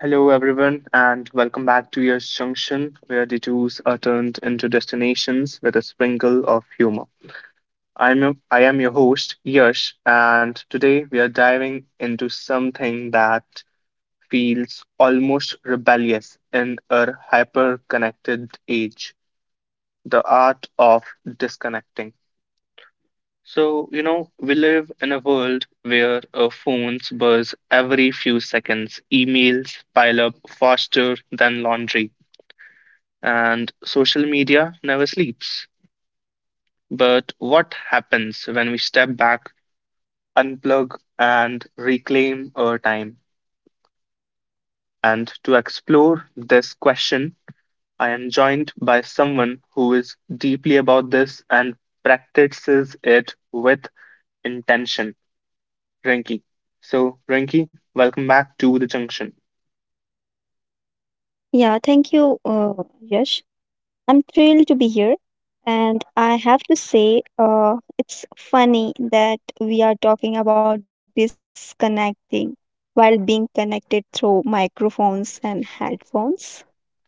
Hello, everyone, and welcome back to Year's Junction, where detours are turned into destinations with a sprinkle of humor. I am your host, Yash, and today we are diving into something that feels almost rebellious in our hyper connected age, the art of disconnecting. So we live in a world where our phones buzz every few seconds, emails pile up faster than laundry, and social media never sleeps. But what happens when we step back, unplug, and reclaim our time? And to explore this question, I am joined by someone who is deeply about this and practices it with intention, Rinki. So, Rinki, welcome back to the junction. Yeah, thank you, Yash. I'm thrilled to be here. And I have to say, it's funny that we are talking about disconnecting while being connected through microphones and headphones.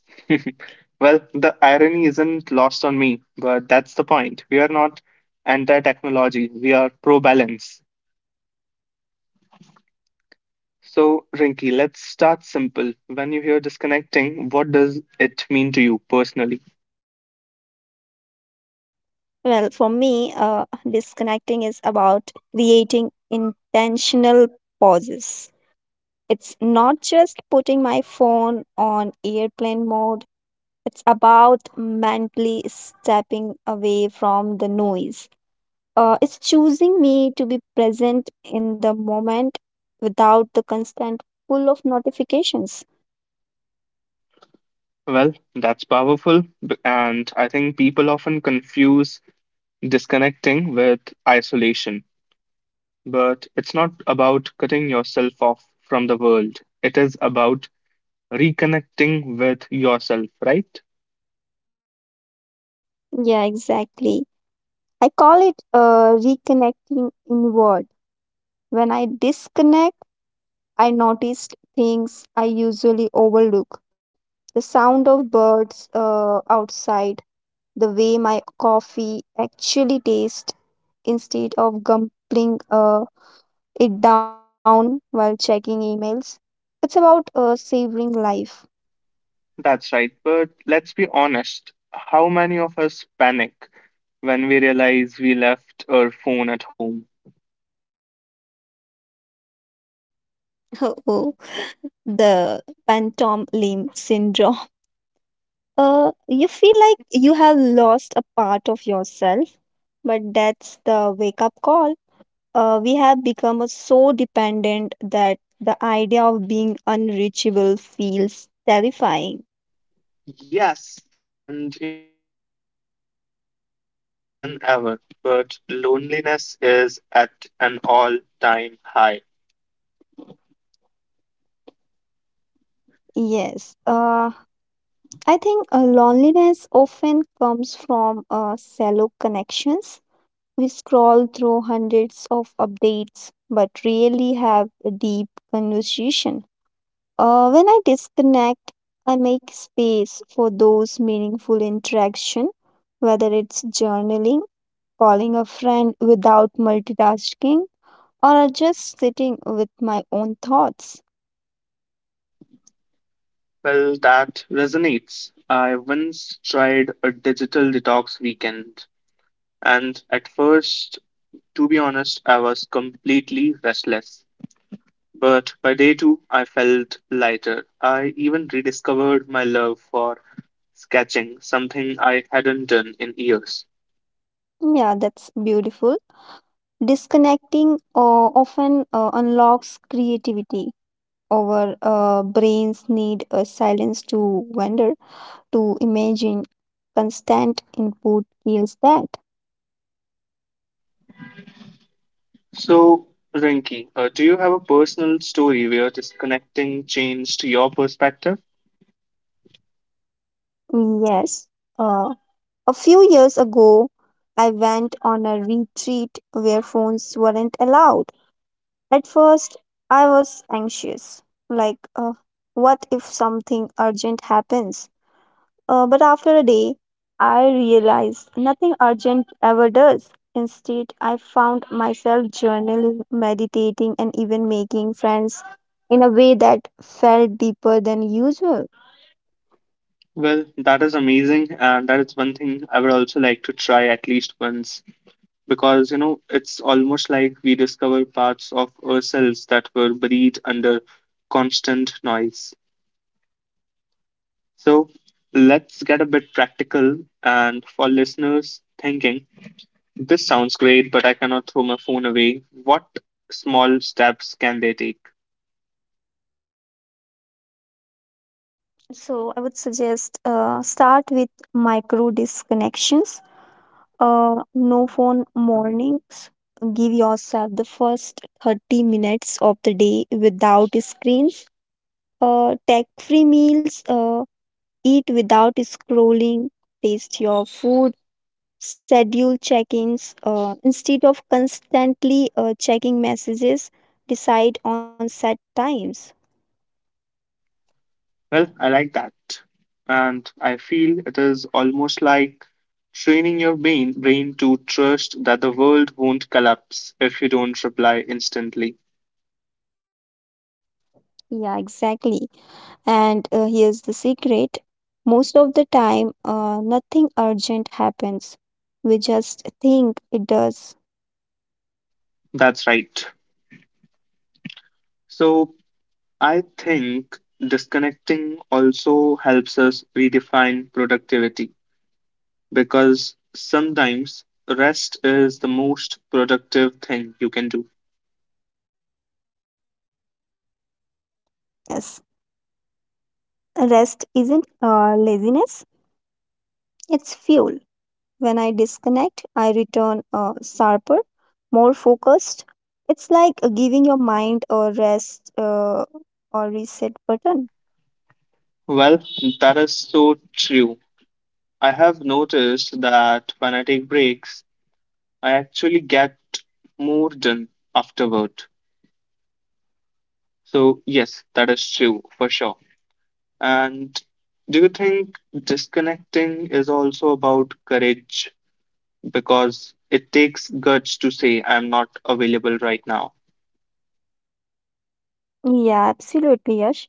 Well, the irony isn't lost on me, but that's the point. We are not anti technology, we are pro balance. So, Rinky, let's start simple. When you hear disconnecting, what does it mean to you personally? Well, for me, disconnecting is about creating intentional pauses. It's not just putting my phone on airplane mode, it's about mentally stepping away from the noise. It's choosing me to be present in the moment without the constant pull of notifications. Well, that's powerful. And I think people often confuse disconnecting with isolation. But it's not about cutting yourself off from the world, it is about reconnecting with yourself, right? Yeah, exactly. I call it reconnecting inward. When I disconnect, I notice things I usually overlook: the sound of birds outside, the way my coffee actually tastes instead of gumpling it down while checking emails. It's about savoring life. That's right. But let's be honest, how many of us panic when we realize we left our phone at home? Oh, the phantom limb syndrome. You feel like you have lost a part of yourself, but that's the wake up call. We have become so dependent that the idea of being unreachable feels terrifying. Yes, and you know, here is the paradox. We are more connected than ever, but loneliness is at an all-time high. Yes, I think loneliness often comes from shallow connections. We scroll through hundreds of updates, but really have a deep conversation. When I disconnect, I make space for those meaningful interaction, whether it's journaling, calling a friend without multitasking, or just sitting with my own thoughts. Well, that resonates. I once tried a digital detox weekend, and at first, to be honest, I was completely restless. But by day two, I felt lighter. I even rediscovered my love for sketching, something I hadn't done in years. Yeah, that's beautiful. Disconnecting often unlocks creativity. Our brains need a silence to wonder, to imagine. Constant input kills that. So, Rinki, do you have a personal story where disconnecting changed your perspective? Yes. Uh, A few years ago, I went on a retreat where phones weren't allowed. At first, I was anxious, like, what if something urgent happens? But after a day, I realized nothing urgent ever does. Instead, I found myself journaling, meditating, and even making friends in a way that felt deeper than usual. Well, that is amazing, and that is one thing I would also like to try at least once, because you know it's almost like we discover parts of ourselves that were buried under constant noise. So let's get a bit practical. And for listeners thinking, this sounds great, but I cannot throw my phone away, what small steps can they take? So, I would suggest start with micro disconnections, no phone mornings. Give yourself the first 30 minutes of the day without screens. Tech free meals. Eat without scrolling. Taste your food. Schedule check ins. Instead of constantly checking messages, decide on set times. Well, I like that. And I feel it is almost like training your brain to trust that the world won't collapse if you don't reply instantly. Yeah, exactly. And here's the secret: most of the time, nothing urgent happens. We just think it does. That's right. So I think disconnecting also helps us redefine productivity, because sometimes rest is the most productive thing you can do. Yes, rest isn't laziness, it's fuel. When I disconnect, I return sharper, more focused. It's like giving your mind a rest or reset button. Well, that is so true. I have noticed that when I take breaks, I actually get more done afterward. So, yes, that is true for sure. And do you think disconnecting is also about courage? Because it takes guts to say, I'm not available right now. Yeah, absolutely, Yash.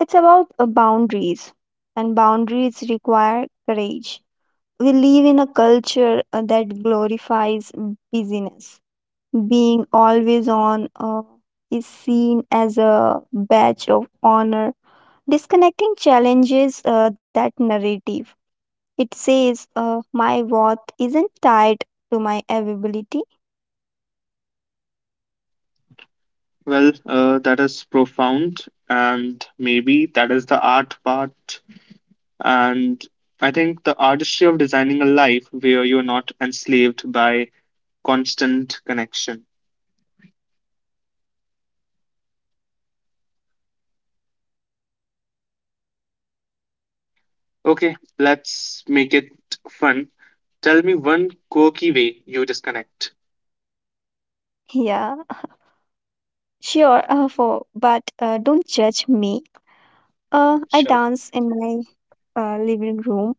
It's about boundaries, and boundaries require courage. We live in a culture that glorifies busyness. Being always on is seen as a badge of honor. Disconnecting challenges that narrative. It says, my worth isn't tied to my availability. Well, that is profound, and maybe that is the art part. And I think the artistry of designing a life where you're not enslaved by constant connection. Okay, let's make it fun. Tell me one quirky way you disconnect. Yeah, sure, for, but don't judge me. I Sure. dance in my living room.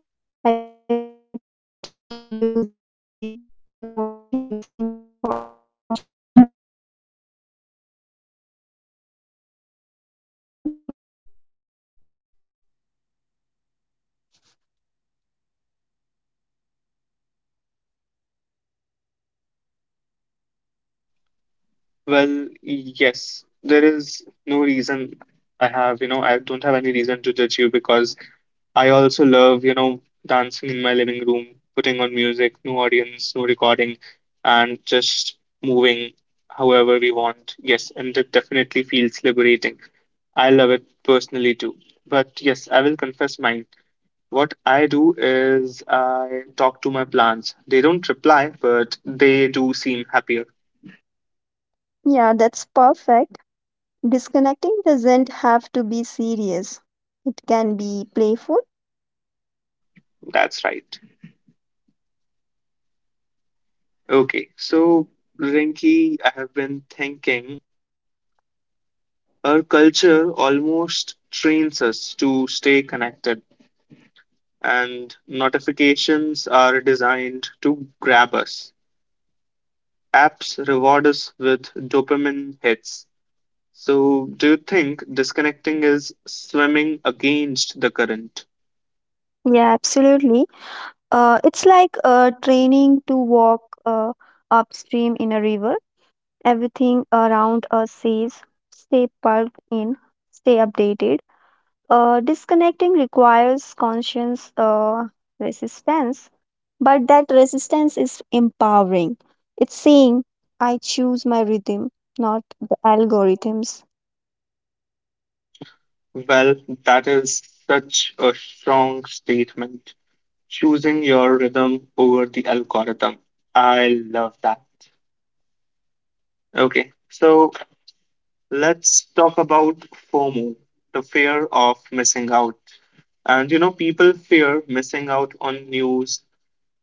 I put on music, no audience, no recording, just me moving however I want. It's liberating. Well, yes, there is no reason, I have, you know, I don't have any reason to judge you, because I also love, you know, dancing in my living room, putting on music, no audience, no recording, and just moving however we want. Yes, and it definitely feels liberating. I love it personally too. But yes, I will confess mine. What I do is I talk to my plants. They don't reply, but they do seem happier. Yeah, that's perfect. Disconnecting doesn't have to be serious, it can be playful. That's right. Okay, so Rinky, I have been thinking, our culture almost trains us to stay connected, and notifications are designed to grab us. Apps reward us with dopamine hits. So, do you think disconnecting is swimming against the current? Yeah, absolutely. It's like training to walk upstream in a river. Everything around us says, stay plugged in, stay updated. Disconnecting requires conscious resistance, but that resistance is empowering. It's saying, I choose my rhythm, not the algorithms. Well, that is such a strong statement. Choosing your rhythm over the algorithm. I love that. Okay, so let's talk about FOMO, the fear of missing out. And you know, people fear missing out on news,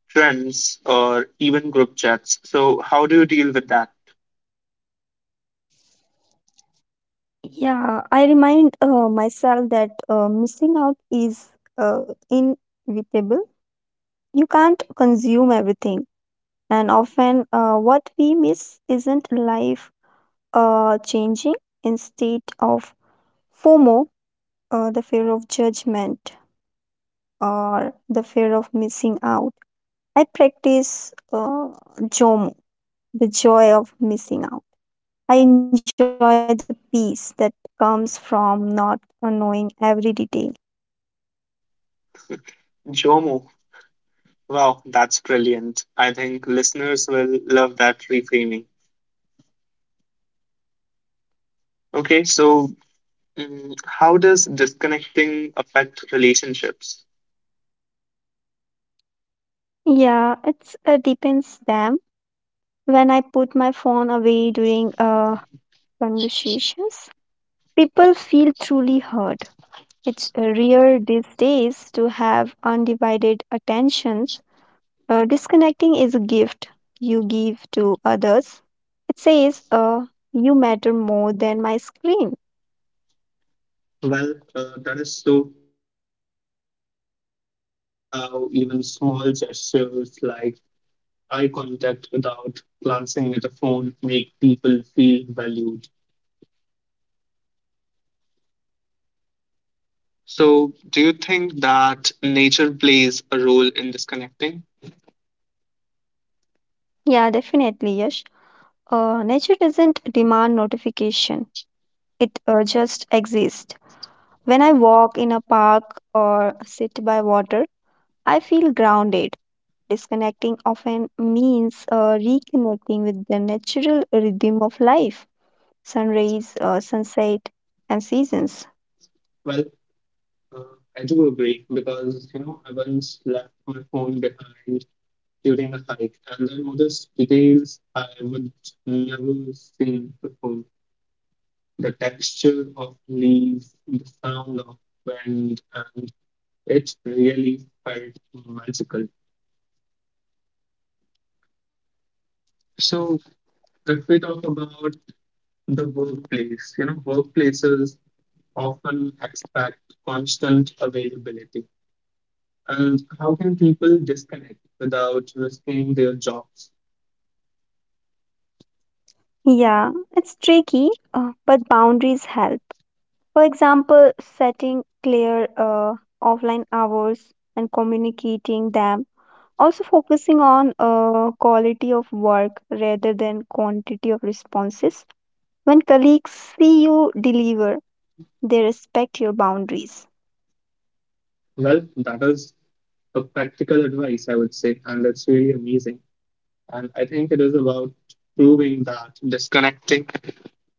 trends, or even group chats. So, how do you deal with that? Yeah, I remind myself that missing out is uh, inevitable. You can't consume everything. And often, what we miss isn't life changing. Instead of FOMO, the fear of judgment, or the fear of missing out, I practice JOMO, the joy of missing out. I enjoy the peace that comes from not knowing every detail. JOMO. Wow, that's brilliant. I think listeners will love that reframing. Okay, so how does disconnecting affect relationships? Yeah, it's depends them. When I put my phone away during conversations, people feel truly heard. It's rare these days to have undivided attention. Disconnecting is a gift you give to others. It says, you matter more than my screen. Well, that is so true. You know, I have noticed how even small gestures like eye contact without glancing at the phone make people feel valued. So, do you think that nature plays a role in disconnecting? Yeah, definitely, Yash. Nature doesn't demand notification, it just exists. When I walk in a park or sit by water, I feel grounded. Disconnecting often means reconnecting with the natural rhythm of life: sunrise, sunset, and seasons. Well, uh, I do agree, because you know I once left my phone behind during a hike and I noticed details I would never seen before. The texture of leaves, the sound of wind, and it really felt magical. So, if we talk about the workplace. You know, workplaces often expect constant availability. And how can people disconnect without risking their jobs? Yeah, it's tricky, but boundaries help. For example, setting clear offline hours and communicating them. Also, focusing on quality of work rather than quantity of responses. When colleagues see you deliver, they respect your boundaries. Well, that is a practical advice, I would say, and that's really amazing. And I think it is about proving that disconnecting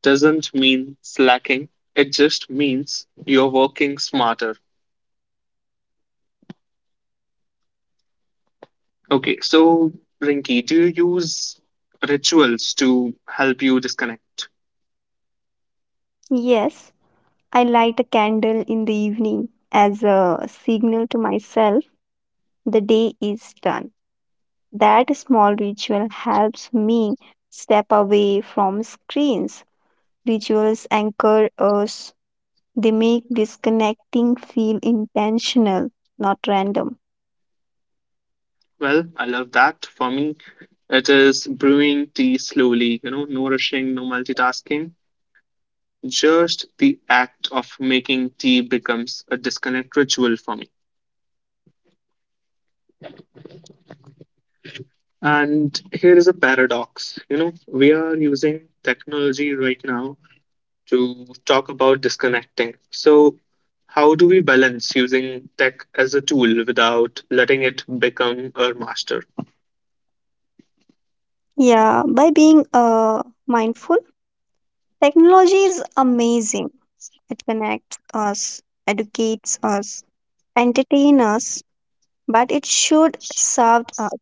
doesn't mean slacking, it just means you're working smarter. Okay, so Rinky, do you use rituals to help you disconnect? Yes, I light a candle in the evening as a signal to myself the day is done. That small ritual helps me step away from screens. Rituals anchor us, they make disconnecting feel intentional, not random. Well, I love that. For me, it is brewing tea slowly, you know, no rushing, no multitasking. Just the act of making tea becomes a disconnect ritual for me. And here is a paradox. You know, we are using technology right now to talk about disconnecting. So, how do we balance using tech as a tool without letting it become our master? Yeah, by being mindful, technology is amazing. It connects us, educates us, entertains us, but it should serve us,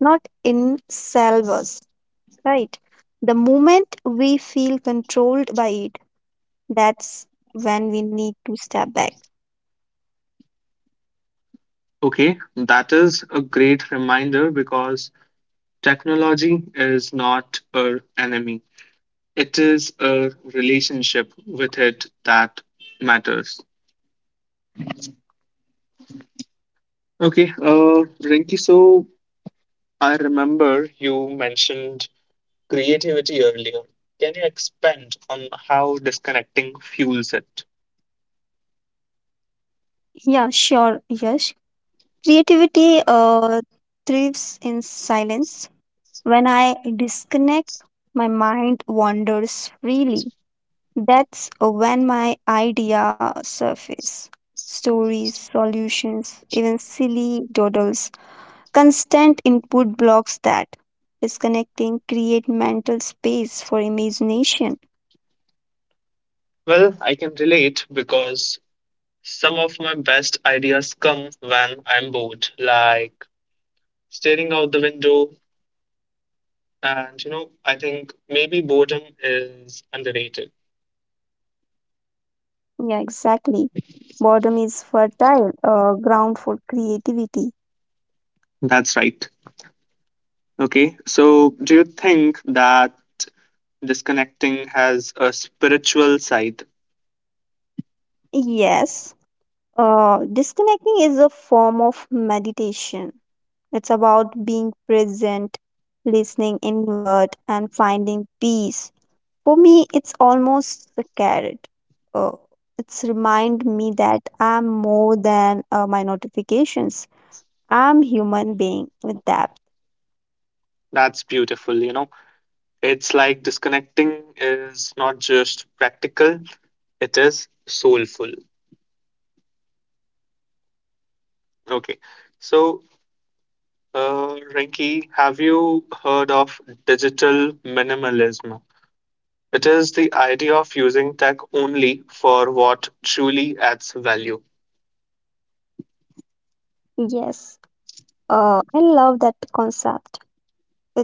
not in salve us, right? The moment we feel controlled by it, that's when we need to step back. Okay, that is a great reminder, because technology is not our enemy. It is a relationship with it that matters. Okay, Rinki, so I remember you mentioned creativity earlier. Can you expand on how disconnecting fuels it? Yeah, sure, Yash. Creativity thrives in silence. When I disconnect, my mind wanders freely. That's when my idea surface. Stories, solutions, even silly doodles. Constant input blocks that. Disconnecting create mental space for imagination. Well, I can relate, because some of my best ideas come when I'm bored, like staring out the window. And, you know, I think maybe boredom is underrated. Yeah, exactly. Boredom is fertile ground for creativity. That's right. Okay, so do you think that disconnecting has a spiritual side? Yes, disconnecting is a form of meditation. It's about being present, listening inward, and finding peace. For me, it's almost the carrot. Uh, it's remind me that I'm more than my notifications. I'm human being with depth. That's beautiful, you know. It's like disconnecting is not just practical, it is soulful. Okay, so Rinki, have you heard of digital minimalism? It is the idea of using tech only for what truly adds value. Yes, I love that concept.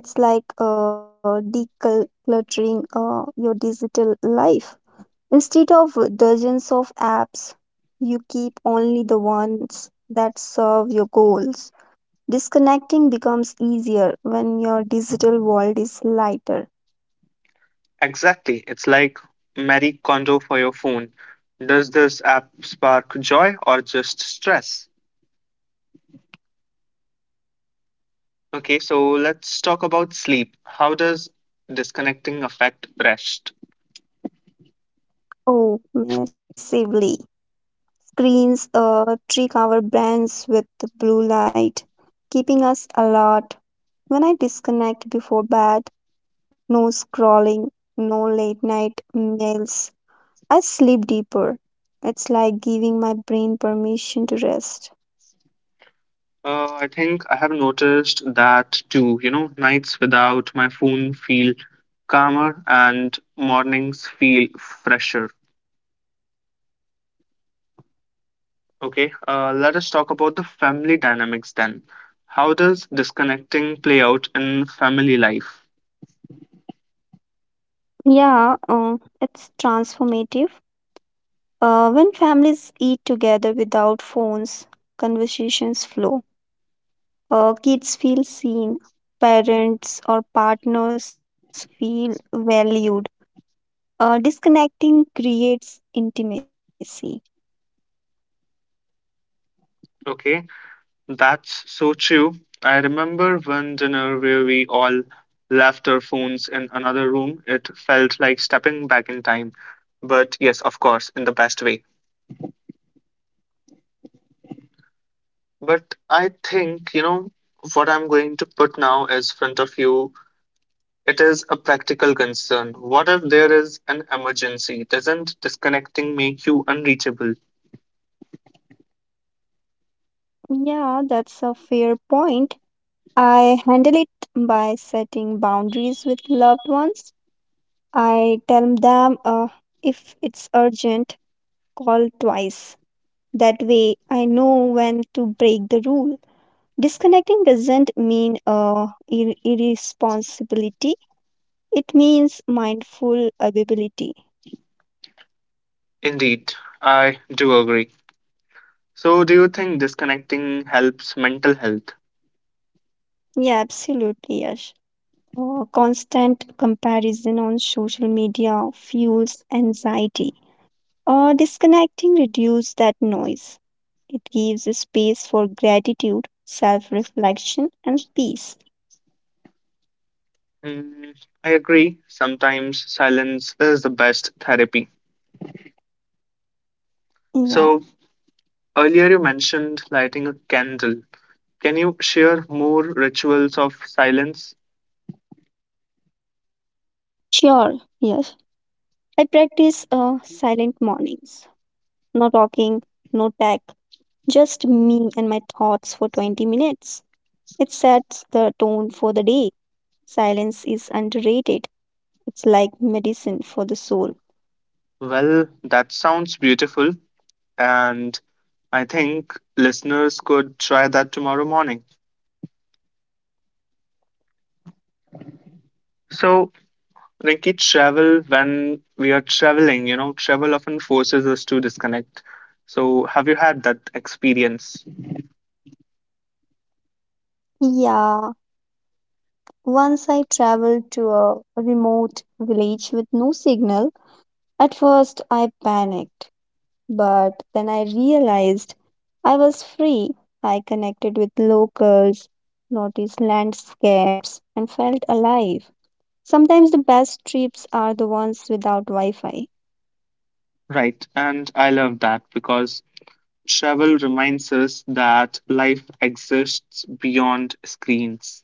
It's like decluttering your digital life. Instead of dozens of apps, you keep only the ones that serve your goals. Disconnecting becomes easier when your digital world is lighter. Exactly. It's like Marie Kondo for your phone. Does this app spark joy or just stress? Okay, so let's talk about sleep. How does disconnecting affect rest? Oh, massively. Screens trick our brains with the blue light, keeping us alert. When I disconnect before bed, no scrolling, no late night mails, I sleep deeper. It's like giving my brain permission to rest. I think I have noticed that too. You know, nights without my phone feel calmer and mornings feel fresher. Okay, let us talk about the family dynamics then. How does disconnecting play out in family life? Yeah, it's transformative. When families eat together without phones, conversations flow. Kids feel seen, parents or partners feel valued. Disconnecting creates intimacy. Okay, that's so true. I remember one dinner where we all left our phones in another room. It felt like stepping back in time. But yes, of course, in the best way. But I think, you know, what I'm going to put now is front of you. It is a practical concern. What if there is an emergency? Doesn't disconnecting make you unreachable? Yeah, that's a fair point. I handle it by setting boundaries with loved ones. I tell them, if it's urgent, call twice. That way, I know when to break the rule. Disconnecting doesn't mean irresponsibility, it means mindful ability. Indeed, I do agree. So, do you think disconnecting helps mental health? Yeah, absolutely, Yash. Constant comparison on social media fuels anxiety. Disconnecting reduces that noise. It gives a space for gratitude, self reflection, and peace. Mm, I agree. Sometimes silence is the best therapy. So, Yeah, earlier you mentioned lighting a candle. Can you share more rituals of silence? sure. Yes. I practice silent mornings. No talking, no tech, just me and my thoughts for 20 minutes. It sets the tone for the day. Silence is underrated. It's like medicine for the soul. Well, that sounds beautiful, and I think listeners could try that tomorrow morning. So, Rinki, travel, when we are traveling, you know, travel often forces us to disconnect. So, have you had that experience? Yeah, once I traveled to a remote village with no signal. At first, I panicked. But then I realized I was free. I connected with locals, noticed landscapes, and felt alive. Sometimes the best trips are the ones without Wi Fi. Right, and I love that, because travel reminds us that life exists beyond screens.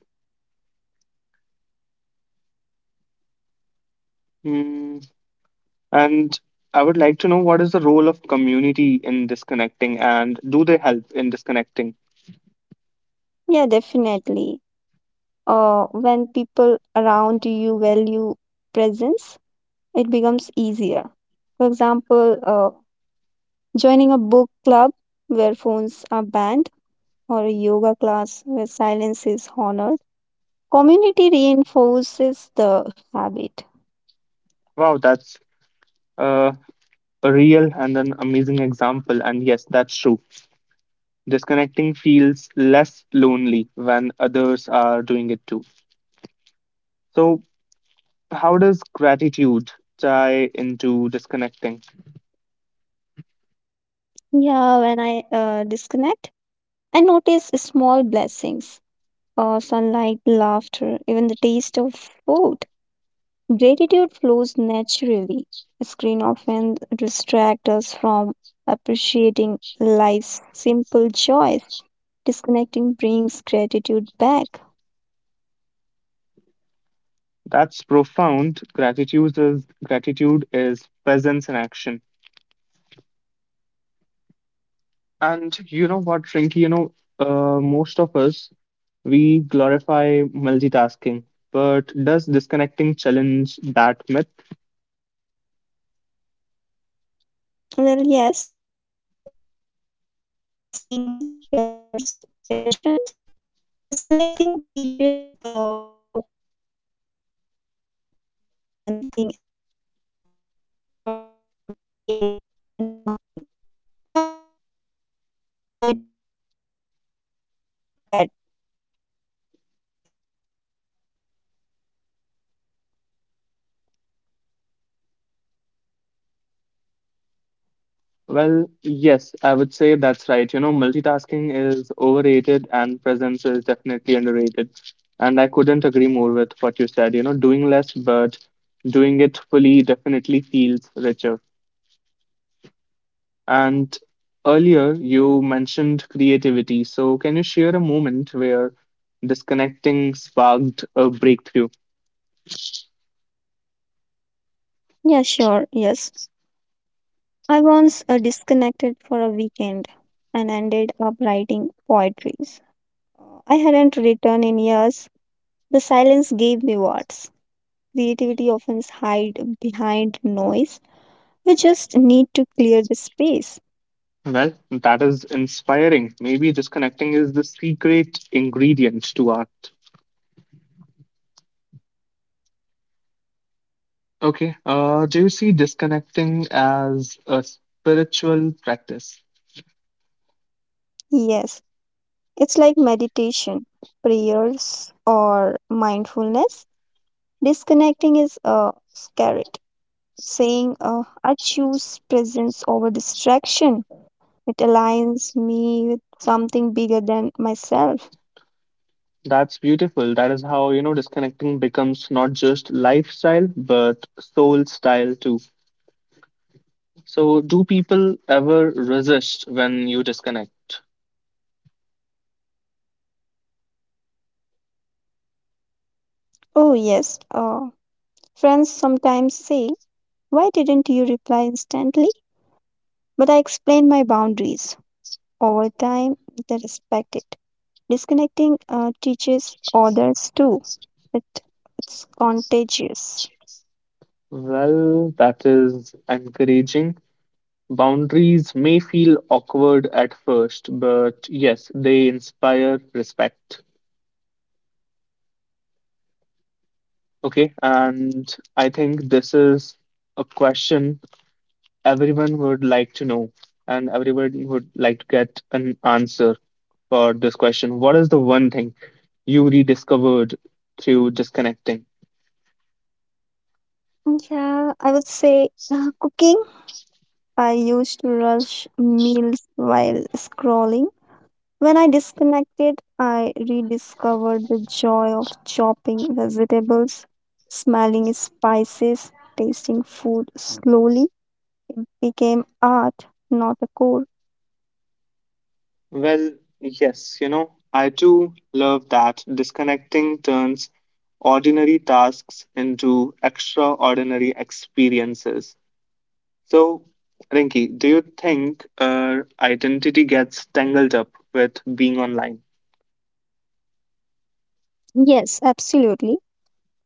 Mm, and I would like to know what is the role of community in disconnecting and do they help in disconnecting? Yeah, definitely. When people around you value presence, it becomes easier. For example, joining a book club where phones are banned, or a yoga class where silence is honored. Community reinforces the habit. Wow, that's uh, a real and an amazing example. And yes, that's true. Disconnecting feels less lonely when others are doing it too. So, how does gratitude tie into disconnecting? Yeah, when I disconnect, I notice small blessings: sunlight, laughter, even the taste of food. Gratitude flows naturally. Screen often distract us from appreciating life's simple joys. Disconnecting brings gratitude back. That's profound. Gratitude is presence in action. And you know what, Rinky, you know, most of us we glorify multitasking, but does disconnecting challenge that myth? Well, yes, multitasking scatters attentions. Disconnecting teaches focus. When I do one thing at a time, or reading, cooking, and talking, I do it better. Multitasking is overrated, presence is underrated. Well, yes, I would say that's right. You know, multitasking is overrated and presence is definitely underrated. And I couldn't agree more with what you said. You know, doing less but doing it fully definitely feels richer. And earlier you mentioned creativity. So can you share a moment where disconnecting sparked a breakthrough? Yeah, sure, yes. I once disconnected for a weekend and ended up writing poetries. I hadn't written in years. The silence gave me words. Creativity often hides behind noise. We just need to clear the space. Well, that is inspiring. Maybe disconnecting is the secret ingredient to art. Okay. Do you see disconnecting as a spiritual practice? Yes, it's like meditation, prayers, or mindfulness. Disconnecting is a carrot, saying, I choose presence over distraction. It aligns me with something bigger than myself. That's beautiful. That is how, you know, disconnecting becomes not just lifestyle, but soul style too. So, do people ever resist when you disconnect? Oh, yes. Friends sometimes say, why didn't you reply instantly? But I explained my boundaries. Over time, they respect it. Disconnecting teaches others too. It, it's contagious. Well, that is encouraging. Boundaries may feel awkward at first, but yes, they inspire respect. Okay, and I think this is a question everyone would like to know, and everyone would like to get an answer for this question. What is the one thing you rediscovered through disconnecting? Yeah, I would say cooking. I used to rush meals while scrolling. When I disconnected, I rediscovered the joy of chopping vegetables, smelling spices, tasting food slowly became art, not a chore. Well, yes, you know, I too love that disconnecting turns ordinary tasks into extraordinary experiences. So, Rinki, do you think our identity gets tangled up with being online? Yes, absolutely.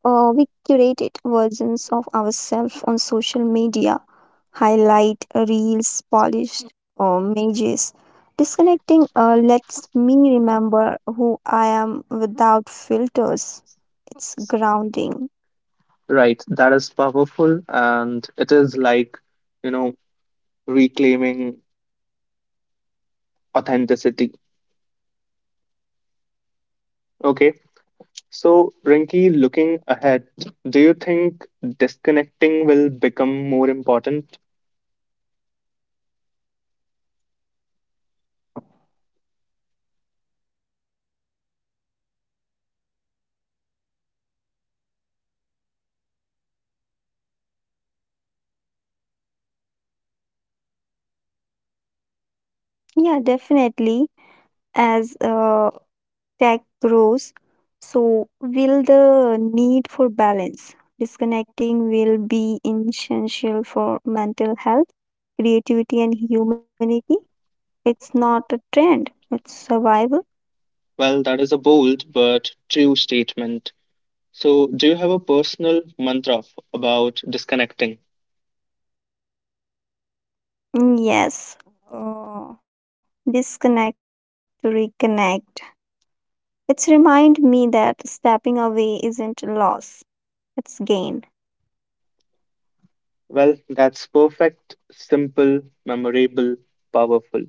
We curated versions of ourselves on social media: highlight reels, polished images. Disconnecting lets me remember who I am without filters. It's grounding. Right, that is powerful, and it is like, you know, reclaiming authenticity. Okay, so Rinki, looking ahead, do you think disconnecting will become more important? Yeah, definitely. As tech grows, so will the need for balance. Disconnecting will be essential for mental health, creativity, and humanity. It's not a trend, it's survival. Well, that is a bold but true statement. So, do you have a personal mantra about disconnecting? Mm, yes, oh, disconnect to reconnect. It's remind me that stepping away isn't loss, it's gain. Well, that's perfect, simple, memorable, powerful.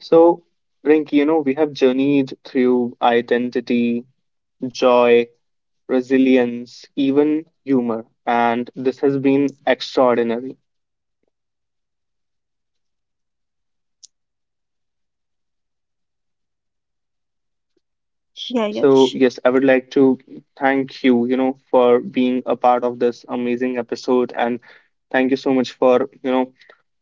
So, Rinki, you know, we have journeyed through identity, joy, resilience, even humor, and this has been extraordinary. Yeah, Yash. So, yes, I would like to thank you, you know, for being a part of this amazing episode. And thank you so much for, you know,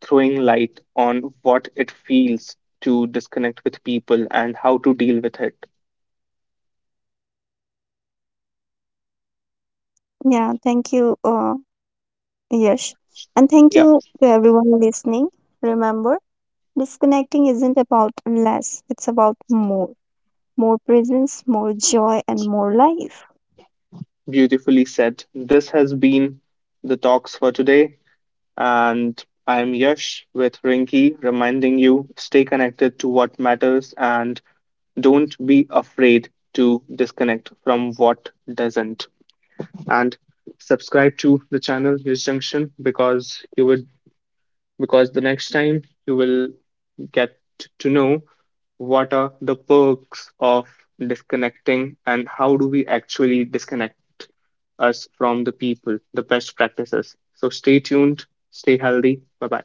throwing light on what it feels to disconnect with people and how to deal with it. Yeah, thank you, Yash. And thank Yeah, you to everyone listening. Remember, disconnecting isn't about less, it's about more. More presence, more joy, and more life. beautifully said. This has been the talks for today. And I'm Yash with Rinki, reminding you, stay connected to what matters and don't be afraid to disconnect from what doesn't. And subscribe to the channel News Junction, because you would because the next time you will get to know what are the perks of disconnecting and how do we actually disconnect us from the people, the best practices. So stay tuned, stay healthy. Bye bye.